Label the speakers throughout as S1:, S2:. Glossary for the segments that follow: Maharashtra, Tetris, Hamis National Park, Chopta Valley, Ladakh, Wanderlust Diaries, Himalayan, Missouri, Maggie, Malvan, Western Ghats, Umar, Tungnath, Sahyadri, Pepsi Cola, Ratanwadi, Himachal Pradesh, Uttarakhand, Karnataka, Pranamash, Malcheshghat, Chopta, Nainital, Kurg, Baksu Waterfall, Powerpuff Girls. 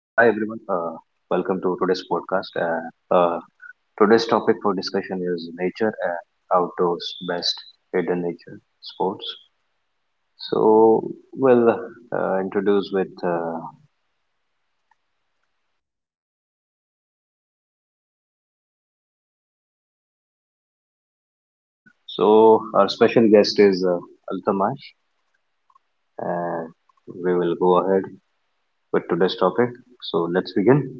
S1: Welcome to today's podcast. And uh, Today's topic for discussion is nature and outdoors, best hidden nature sports. So, we'll introduce with. So, Our special guest is Altamash, and we will go ahead with today's topic. So, let's begin.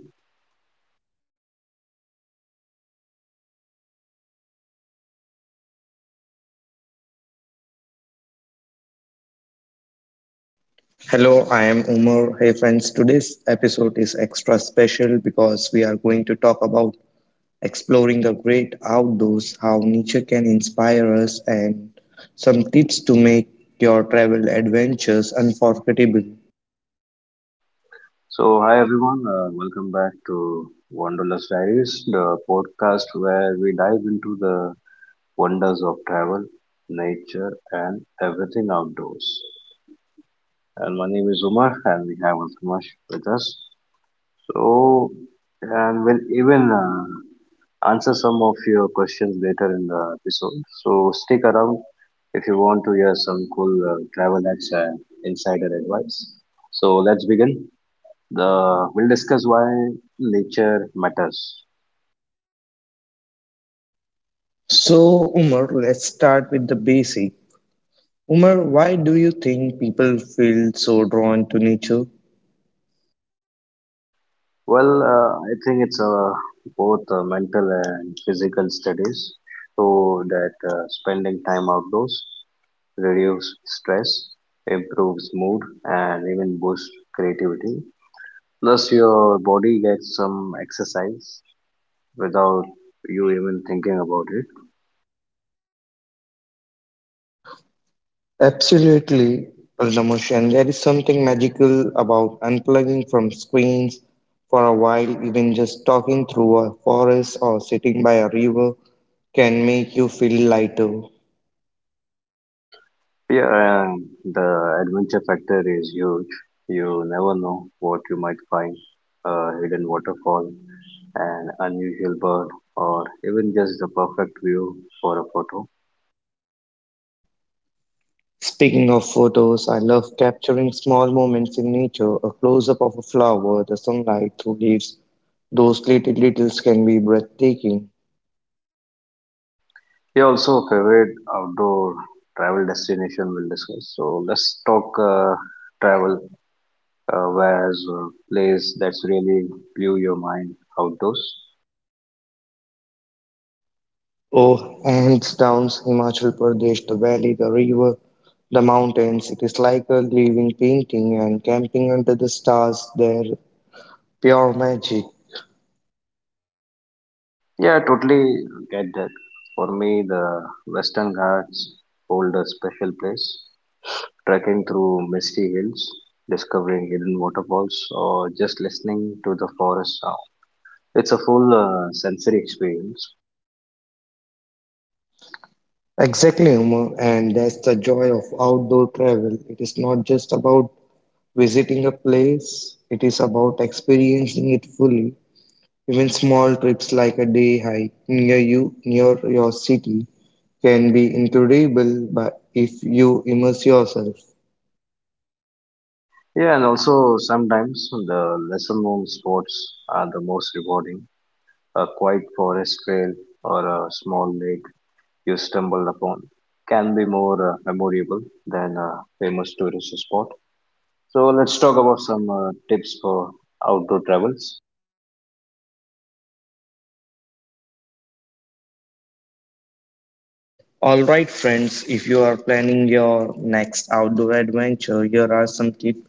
S2: Hello, I am Umar. Hey friends, today's episode is extra special because we are going to talk about exploring the great outdoors, how nature can inspire us, and some tips to make your travel adventures unforgettable.
S1: So, hi everyone, welcome back to Wanderlust Diaries, the podcast where we dive into the wonders of travel, nature, and everything outdoors. And my name is Umar, and we have Utmash with us. So, and we'll even answer some of your questions later in the episode. So, stick around if you want to hear some cool travel hacks and insider advice. So, let's begin. We'll discuss why nature matters.
S2: So, Umar, let's start with the basic. Umar, why do you think people feel so drawn to nature?
S1: Well, I think it's both mental and physical studies. So that spending time outdoors reduces stress, improves mood, and even boosts creativity. Plus, your body gets some exercise without you even thinking about it.
S2: Absolutely, Pranamash, and there is something magical about unplugging from screens for a while, even just talking through a forest or sitting by a river can make you feel lighter.
S1: Yeah, and the adventure factor is huge. You never know what you might find: a hidden waterfall, an unusual bird, or even just the perfect view for a photo.
S2: Speaking of photos, I love capturing small moments in nature, a close up of a flower, the sunlight through leaves. Those little details can be breathtaking.
S1: Yeah, also a favorite outdoor travel destination we'll discuss. So let's talk travel. Where's a place that's really blew your mind outdoors?
S2: Oh, hands down, Himachal Pradesh, the valley, the river, the mountains. It is like a living painting and camping under the stars, they're pure magic.
S1: Yeah, I totally get that. For me, the Western Ghats hold a special place. Trekking through misty hills, discovering hidden waterfalls, or just listening to the forest sound. It's a full sensory experience.
S2: Exactly, Umar, and that's the joy of outdoor travel. It is not just about visiting a place, it is about experiencing it fully. Even small trips like a day hike near you, near your city, can be incredible but if you immerse yourself.
S1: Yeah, and also sometimes the lesser known spots are the most rewarding. A quiet forest trail or a small lake you stumble upon can be more memorable than a famous tourist spot. So let's talk about some tips for outdoor travels.
S2: All right, friends, if you are planning your next outdoor adventure, here are some tips.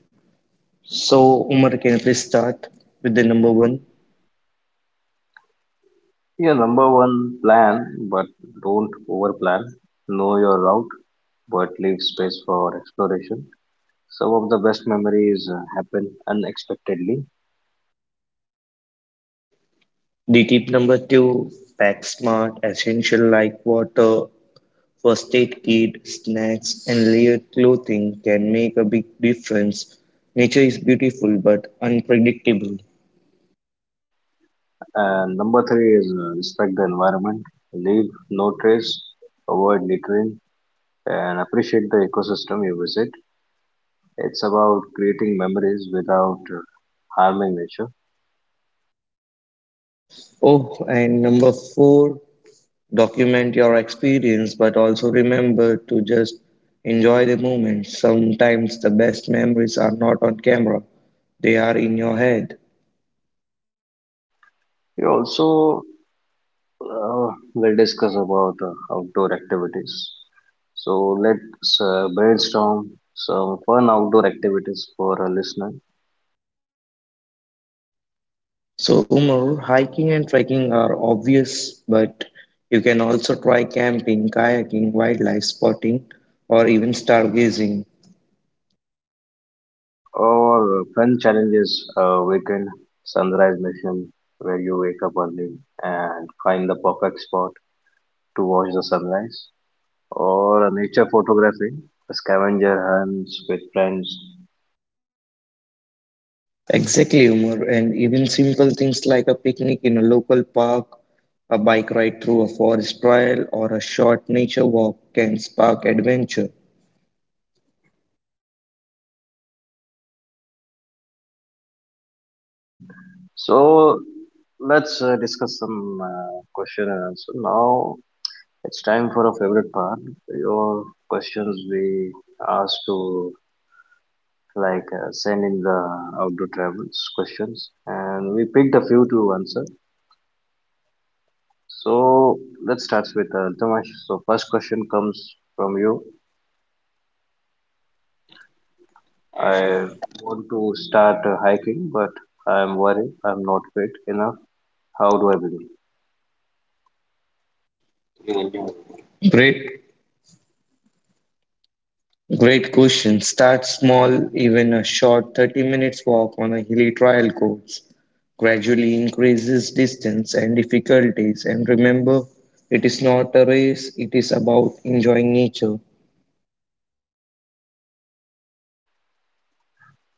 S2: So, Umar, can you please start with the number one?
S1: Yeah, number one, plan, but don't overplan. Know your route, but leave space for exploration. Some of the best memories happen unexpectedly.
S2: The tip number two pack smart, essential like water, first aid kit, snacks, and layered clothing can make a big difference. Nature is beautiful but unpredictable.
S1: And number three is respect the environment. Leave no trace, avoid littering, and appreciate the ecosystem you visit. It's about creating memories without harming nature.
S2: Oh, and number four document your experience but also remember to just enjoy the moment sometimes the best memories are not on camera they are in your head
S1: You also, we'll discuss about outdoor activities. So let's brainstorm some fun outdoor activities for a listener,
S2: so umar hiking and trekking are obvious but you can also try camping kayaking wildlife spotting or even stargazing
S1: or fun challenges, weekend sunrise mission where you wake up early and find the perfect spot to watch the sunrise, or a nature photography, a scavenger hunts with friends.
S2: exactly umar and even simple things like a picnic in a local park a bike ride through a forest trail or a short nature walk can spark adventure
S1: So let's discuss some question and answer now. It's time for a favorite part. Your questions we asked to like send in the outdoor travels questions, and we picked a few to answer. So let's start with Altamash. So first question comes from you. I want to start hiking, but I'm worried I'm not fit enough. How do I begin?
S2: Great Great question. Start small, even a short 30 minutes walk on a hilly trial course. Gradually increases distance and difficulties, and remember, it is not a race, it is about enjoying nature.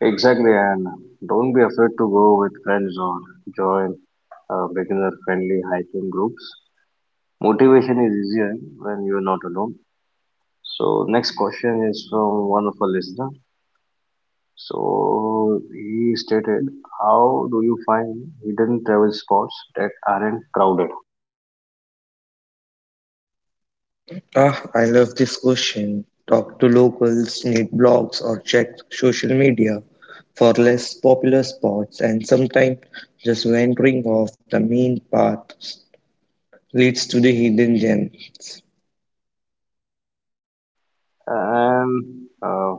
S1: Exactly, and don't be afraid to go with friends or join beginner-friendly hiking groups. Motivation is easier when you're not alone. So next question is from one of our listener. So he stated, how do you find hidden travel spots that aren't crowded?
S2: Ah, I love this question. Talk to locals, read blogs, or check social media for less popular spots, and sometimes just wandering off the main path leads to the hidden gems.
S1: And uh,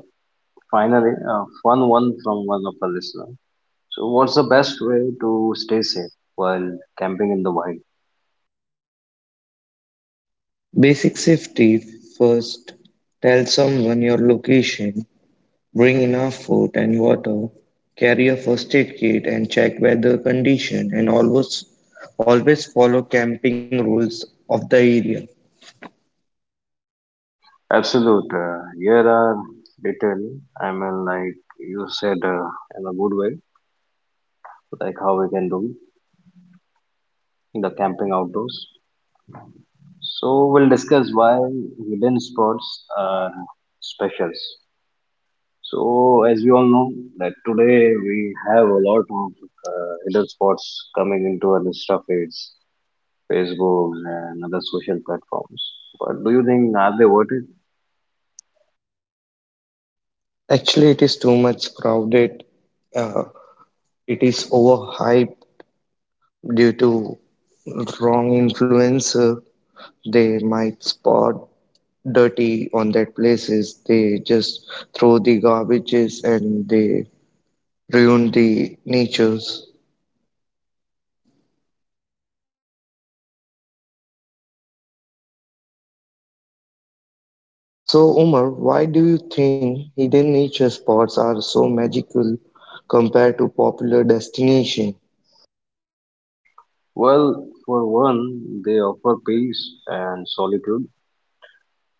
S1: Finally, fun one from one of our listener. So what's the best way to stay safe while camping in the wild?
S2: Basic safety first. Tell someone your location, bring enough food and water, carry a first aid kit and check weather condition and always always follow camping rules of the area.
S1: Absolute. Here are detail. I mean, like you said, in a good way, like how we can do the camping outdoors. So we'll discuss why hidden spots are specials. So as we all know that today we have a lot of hidden spots coming into our Insta feeds, Facebook and other social platforms. But do you think are they worth it?
S2: Actually it is too much crowded. Uh, it is overhyped due to wrong influencer. They might spot dirty on that places. They just throw the garbages and they ruin the natures. So, Umar, why do you think hidden nature spots are so magical compared to popular destinations?
S1: Well, for one, they offer peace and solitude.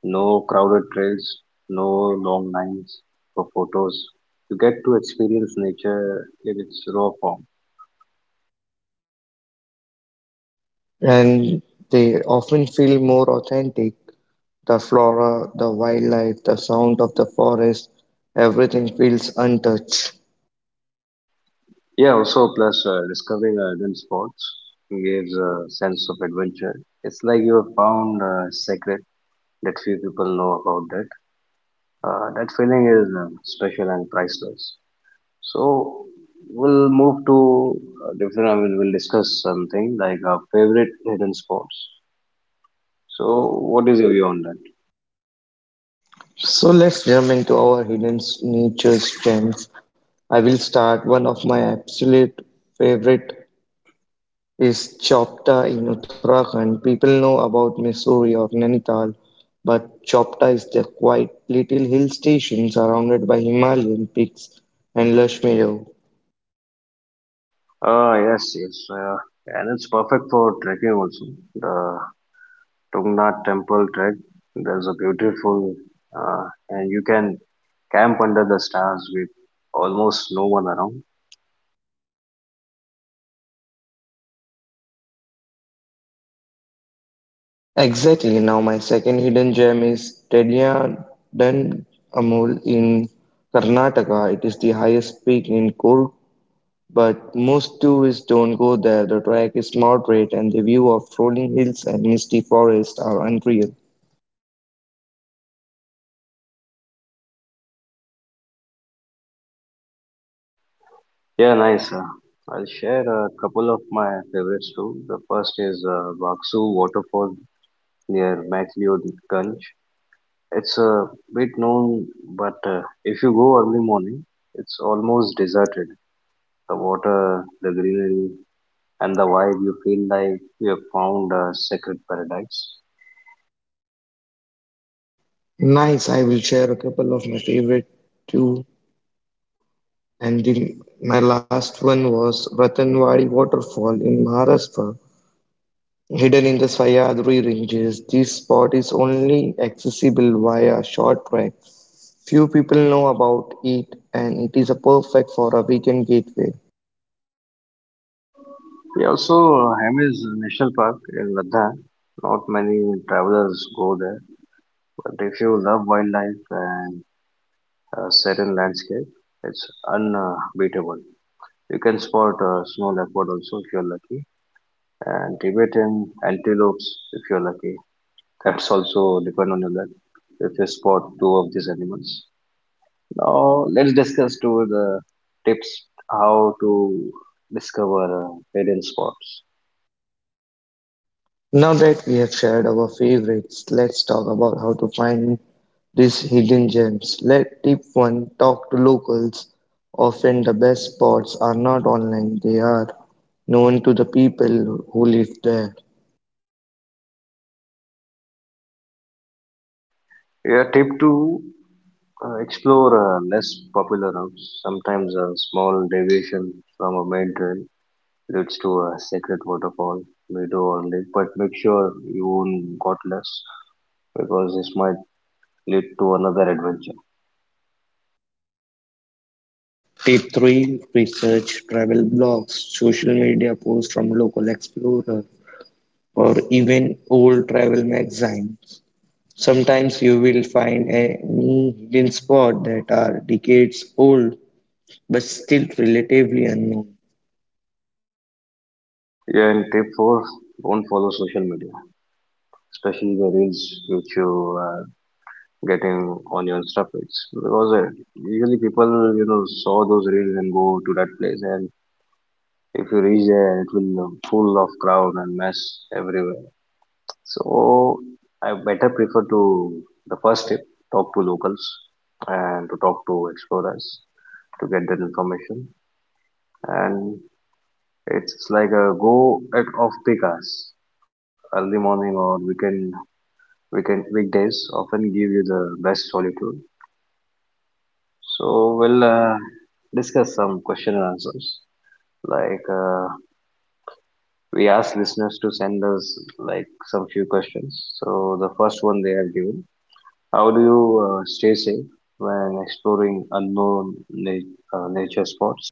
S1: No crowded trails, no long lines for photos. You get to experience nature in its raw form.
S2: And they often feel more authentic. The flora, the wildlife, the sound of the forest, everything feels untouched.
S1: Yeah, also plus discovering hidden spots gives a sense of adventure. It's like you have found a secret that few people know about that. That feeling is special and priceless. So we'll move to different. I mean, we'll discuss something like our favorite hidden spots. So what is your view on that?
S2: So let's jump into our nature's gems. I will start one of my absolute favorite is Chopta in Uttarakhand. People know about Missouri or Nainital, but Chopta is the quiet little hill station surrounded by Himalayan peaks and lush meadow.
S1: Ah, yes, yes, and it's perfect for trekking also. The Tungnath temple trek. There's a beautiful, uh, and you can camp under the stars with almost no one around.
S2: Exactly. Now my second hidden gem is Tediyadan Amul in Karnataka. It is the highest peak in Kurg, but most tourists don't go there. The track is moderate and the view of rolling hills and misty forests are unreal.
S1: Yeah, nice. I'll share a couple of my favorites too. The first is Baksu Waterfall near MacLeodganj. It's a bit known, but if you go early morning, it's almost deserted. The water, the greenery, and the vibe, you feel like you have found a sacred paradise.
S2: Nice. I will share a couple of my favorite too. And the, my last one was Ratanwadi Waterfall in Maharashtra, hidden in the Sahyadri ranges. This spot is only accessible via short track. Few people know about it, and it is a perfect for a weekend gateway.
S1: We also Hamis National Park in Ladakh. Not many travelers go there, but if you love wildlife and a serene landscape, it's unbeatable. You can spot a snow leopard also if you're lucky, and Tibetan antelopes if you're lucky. That's also depend on your luck if you spot two of these animals. Now let's discuss to the tips how to discover hidden spots.
S2: Now that we have shared our favorites, let's talk about how to find these hidden gems. Let Tip 1 talk to locals. Often the best spots are not online, they are known to the people who live there.
S1: Yeah, tip to explore less popular routes. Sometimes a small deviation from a main trail leads to a sacred waterfall, meadow, or lake. But make sure you won't got lost because this might lead to another adventure.
S2: Tip 3 Research travel blogs, social media posts from local explorers, or even old travel magazines. Sometimes you will find any hidden spot that are decades old but still relatively unknown.
S1: Yeah, and tip four: don't follow social media, especially the reels which you are getting on your Insta feeds, because usually people saw those reels and go to that place, and if you reach there, it will full of crowd and mess everywhere. So I better prefer to the first tip: talk to locals and to talk to explorers to get that information. And it's like a go at off peak hours, early morning or weekend weekdays often give you the best solitude. So we'll discuss some question and answers like. We asked listeners to send us like some few questions. So the first one they have given: how do you stay safe when exploring unknown nature spots?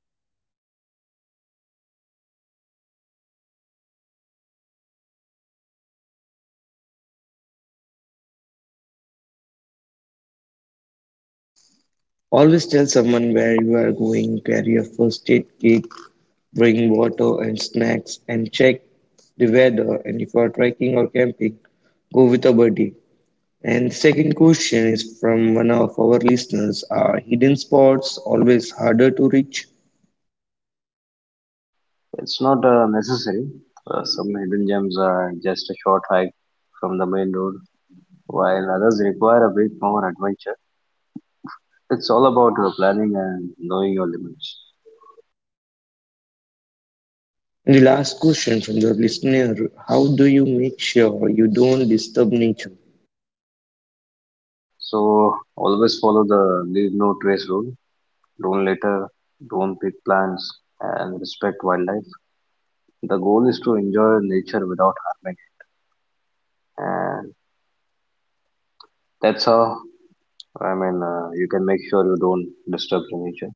S2: Always tell someone where you are going, carry a first aid kit Bring water and snacks and check the weather. And if you are trekking or camping, go with a buddy. And second question is from one of our listeners Are hidden spots always harder to reach?
S1: It's not necessary. Some hidden gems are just a short hike from the main road, while others require a bit more adventure. It's all about planning and knowing your limits.
S2: And the last question from the listener How do you make sure you don't disturb nature?
S1: So always follow the leave no trace rule. Don't litter, don't pick plants, and respect wildlife. The goal is to enjoy nature without harming it. And that's how, I mean, you can make sure you don't disturb the nature.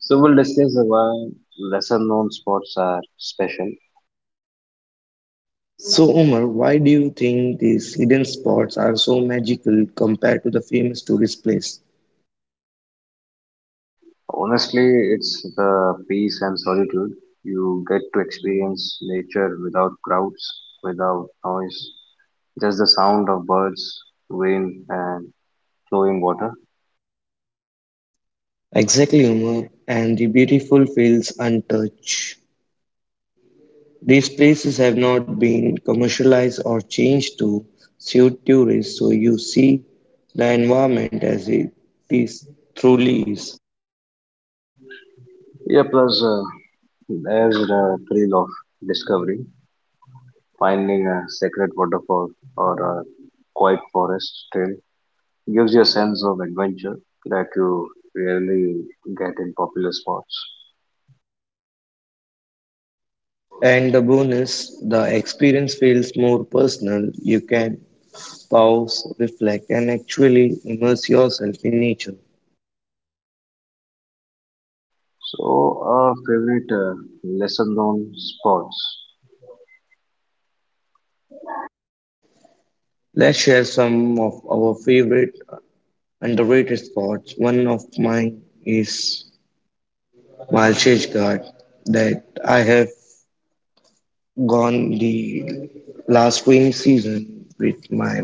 S1: So we'll discuss why lesser known spots are special.
S2: So, Omar, why do you think these hidden spots are so magical compared to the famous tourist place?
S1: Honestly, it's the peace and solitude. You get to experience nature without crowds, without noise, just the sound of birds, wind, and flowing water.
S2: Exactly, Omar, and the beautiful feels untouched. These places have not been commercialized or changed to suit tourists, so you see the environment as it is truly is.
S1: Yeah, plus there's the thrill of discovery. Finding a sacred waterfall or a quiet forest trail gives you a sense of adventure that you rarely get in popular spots.
S2: And the bonus, the experience feels more personal. You can pause, reflect, and actually immerse yourself in nature.
S1: So, our favorite lesser known spots.
S2: Let's share some of our favorite underrated spots. One of mine is Malcheshghat that I have gone the last rainy season with my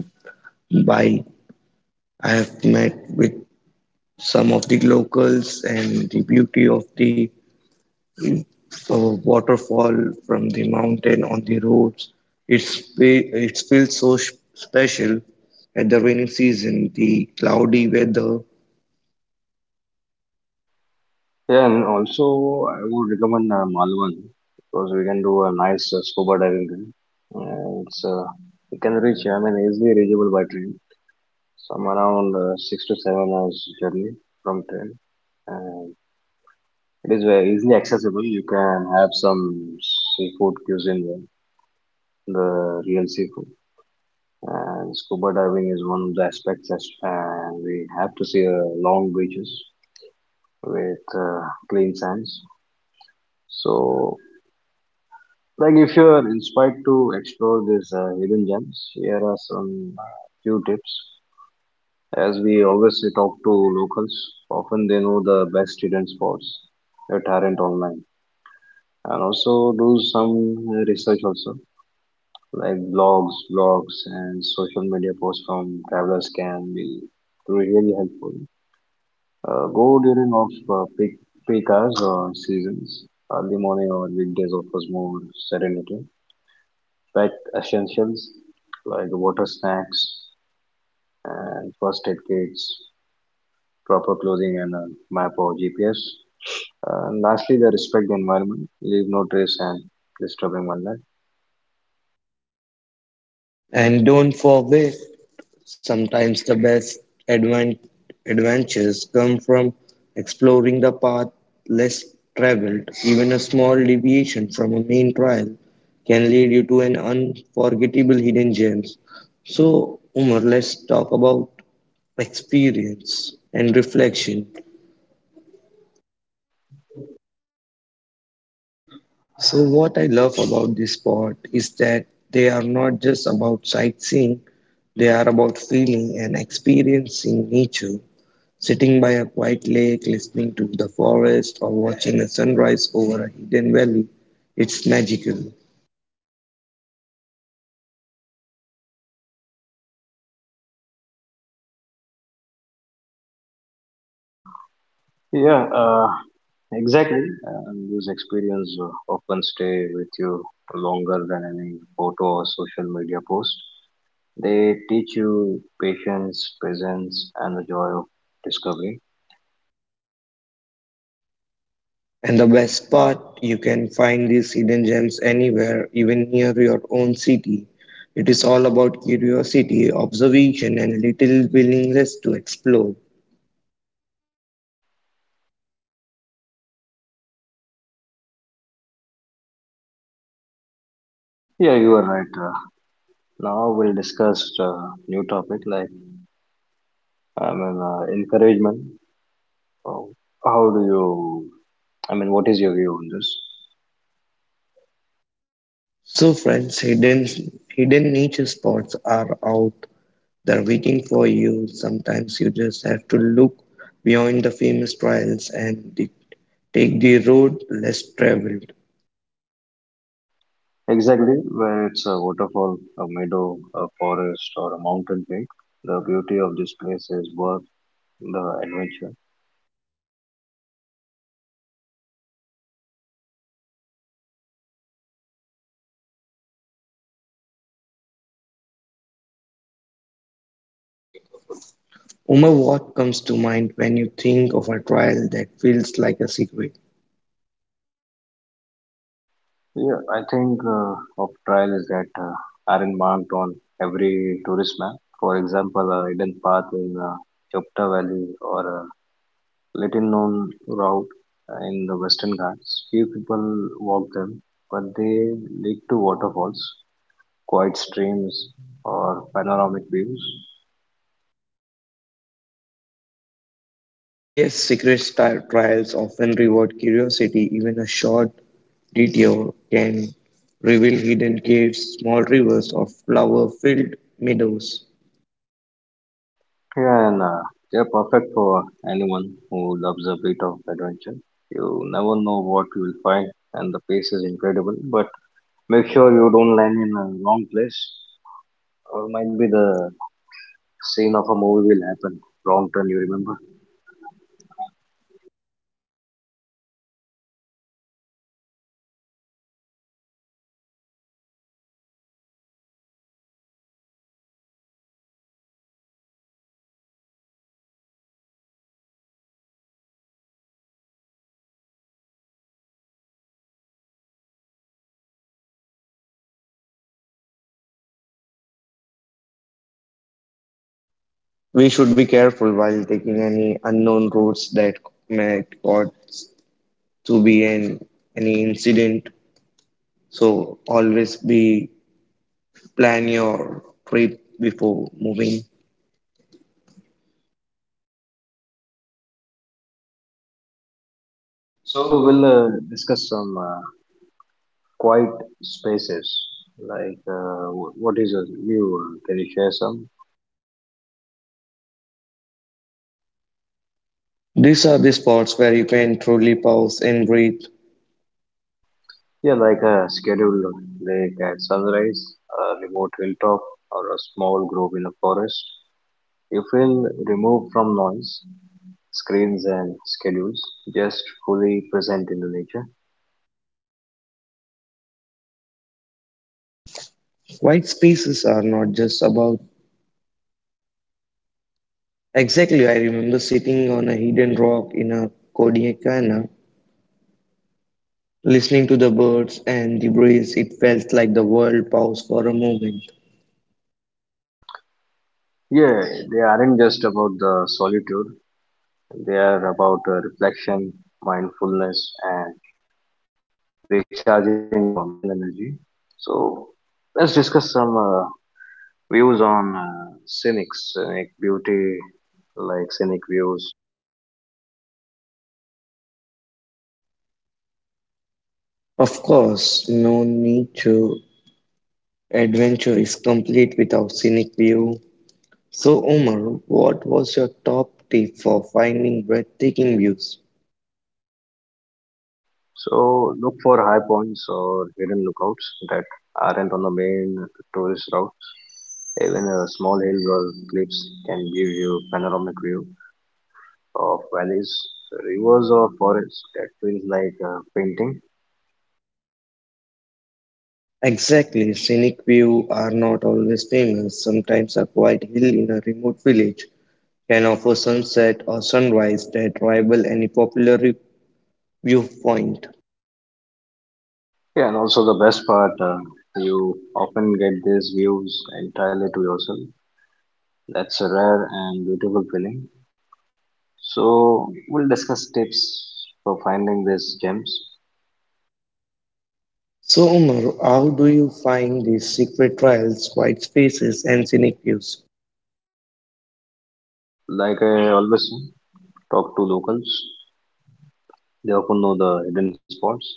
S2: bike. I have met with some of the locals and the beauty of the uh, waterfall from the mountain on the roads. It feels so special at the rainy season, the cloudy weather,
S1: Yeah, and also I would recommend Malvan because we can do a nice scuba diving there. It can reach, I mean, easily reachable by train, some around 6 to 7 hours journey from train. And it is very easily accessible. You can have some seafood cuisine, there, the real seafood. And scuba diving is one of the aspects as we have to see long beaches with clean sands. So, like if you're inspired to explore these hidden gems, here are some few tips. As we always talk to locals, often they know the best hidden spots that aren't online. And also do some research also, like blogs, and social media posts from travelers can be really helpful. Go during off peak hours or seasons. Early morning or weekdays offers more serenity. Pack essentials like water snacks and first aid kits, proper clothing, and a map or GPS. And lastly, they respect the environment, leave no trace, and disturbing one life.
S2: and don't forget Sometimes the best advent- adventures come from exploring the path less traveled. Even a small deviation from a main trail can lead you to an unforgettable hidden gems. So, Umar, let's talk about experience and reflection. So, what I love about this spot is that they are not just about sightseeing, they are about feeling and experiencing nature Sitting by a quiet lake, listening to the forest, or watching a sunrise over a hidden valley, it's magical.
S1: Yeah, uh, Exactly, and these experiences often stay with you longer than any photo or social media post. They teach you patience, presence, and the joy of discovery.
S2: And the best part, you can find these hidden gems anywhere, even near your own city. It is all about curiosity, observation, and a little willingness to explore.
S1: Yeah, you are right. Now we'll discuss new topic like I mean encouragement. Oh, how do you? I mean, what is your view on this?
S2: So, friends, hidden nature spots are out there waiting for you. Sometimes you just have to look beyond the famous trails and the Take the road less traveled.
S1: Exactly, where it's a waterfall, a meadow, a forest, or a mountain peak. The beauty of this place is worth the adventure.
S2: Umar, what comes to mind when you think of a trial that feels like a secret?
S1: Yeah, I think of trial is that aren't marked on every tourist map. For example, a hidden path in Chopta Valley or a little known route in the Western Ghats. Few people walk them, but they lead to waterfalls, quiet streams, or panoramic views.
S2: Yes, secret style trials often reward curiosity. Even a short detour can reveal hidden caves, small rivers, or flower filled meadows.
S1: Yeah, and They're perfect for anyone who loves a bit of adventure. You never know what you will find, and the pace is incredible. But make sure you don't land in a wrong place, or might be the scene of a movie will happen. Wrong turn, you remember?
S2: We should be careful while taking any unknown roads that may cause to be an any incident. So always be plan your trip before moving. So
S1: So
S2: we'll
S1: we'll discuss some quiet spaces. Like, what is a view? Can you share some?
S2: These are the spots where you can truly pause and breathe.
S1: Yeah, like a scheduled lake at sunrise, a remote hilltop, or a small grove in a forest. You feel removed from noise, screens, and schedules, just fully present in the nature.
S2: White spaces are not just about. Exactly, I remember sitting on a hidden rock in a Kodaikanal, listening to the birds and the breeze. It felt like the world paused for a moment.
S1: Yeah, they aren't just about the solitude, they are about reflection, mindfulness, and recharging your mental energy. So, let's discuss some views on scenic beauty, like scenic views.
S2: Of course, no nature adventure is complete without scenic view. So, Omar, what was your top tip for finding breathtaking views?
S1: So, look for high points or hidden lookouts that aren't on the main tourist route. Even a small hill or cliffs can give you panoramic view of valleys, rivers, or forests. That feels like painting.
S2: Exactly, scenic views are not always famous. Sometimes a quiet hill in a remote village can offer sunset or sunrise that rival any popular viewpoint.
S1: Yeah, and also the best part, you often get these views entirely to yourself. That's a rare and beautiful feeling. So, we'll discuss tips for finding these gems.
S2: So, Umar, how do you find these secret trails, quiet spaces, and scenic views?
S1: Like I always say, talk to locals. They often know the hidden spots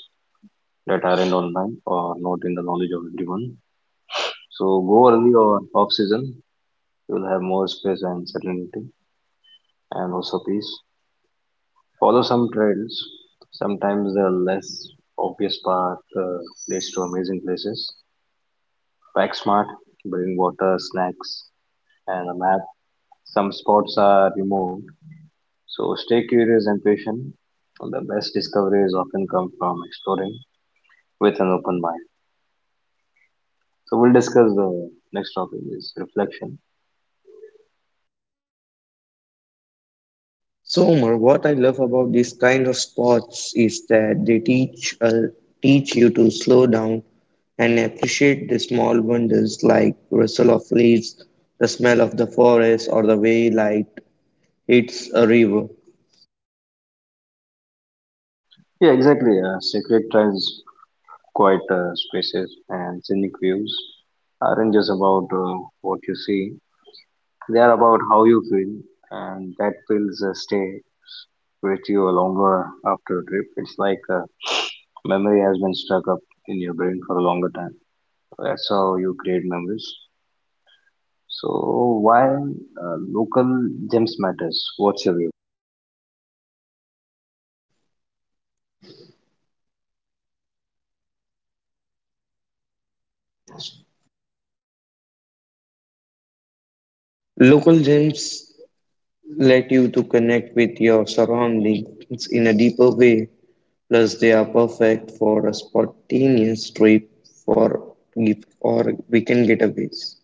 S1: that aren't online or not in the knowledge of everyone. So, go early or off season. You'll have more space and certainty and also peace. Follow some trails. Sometimes the less obvious path leads to amazing places. Pack smart, bring water, snacks, and a map. Some spots are removed, so stay curious and patient. The best discoveries often come from exploring with an open mind. So we'll discuss the next topic is reflection.
S2: So, Umar, what I love about this kind of sports is that they teach you to slow down and appreciate the small wonders like rustle of leaves, the smell of the forest, or the way light hits a river.
S1: Yeah, exactly. Sacred trails, quiet spaces, and scenic views aren't just about what you see. They are about how you feel, and that feels stay with you longer after a trip. It's like a memory has been stuck up in your brain for a longer time. That's how you create memories. So why local gems matters? What's your view?
S2: Local gyms let you to connect with your surroundings in a deeper way. Plus, they are perfect for a spontaneous trip for gift or weekend getaways.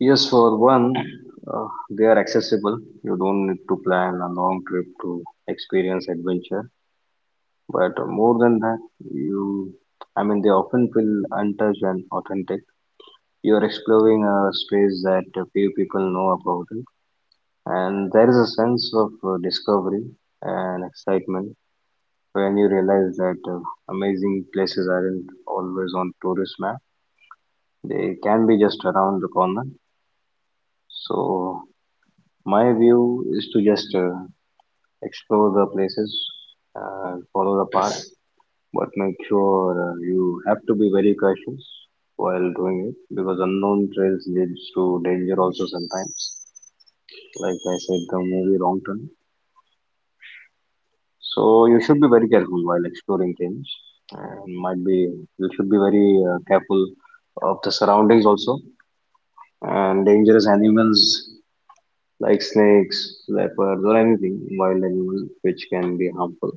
S1: Yes, for one, uh, they are accessible. You don't need to plan a long trip to experience adventure. But more than that, you, I mean, they often feel untouched and authentic. You're exploring a space that few people know about, and there is a sense of discovery and excitement when you realize that amazing places aren't always on tourist map, they can be just around the corner. So my view is to just explore the places, follow the path, but make sure you have to be very cautious while doing it, because unknown trails leads to danger also sometimes, like I said, the movie Wrong Turn. So you should be very careful while exploring things, and might be you should be very careful of the surroundings also, and dangerous animals like snakes, leopards, or anything wild animal which can be harmful.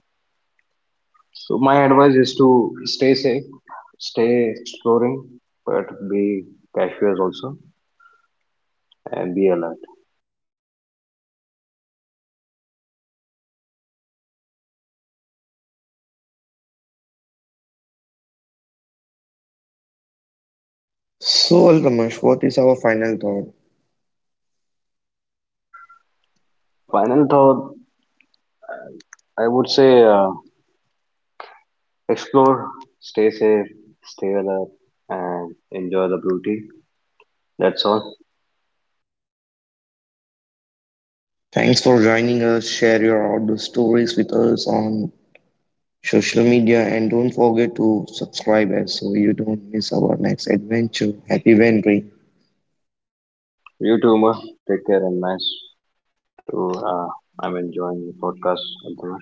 S1: So my advice is to stay safe, stay exploring, but be cautious also and be alert.
S2: So, Ramesh, what is our final thought?
S1: Final thought, I would say. Explore, stay safe, stay alert, and enjoy the beauty. That's all.
S2: Thanks for joining us. Share your outdoor stories with us on social media and don't forget to subscribe us so you don't miss our next adventure. Happy wandering.
S1: You too, Umar. Take care and nice to. I'm enjoying the podcast. Thank you.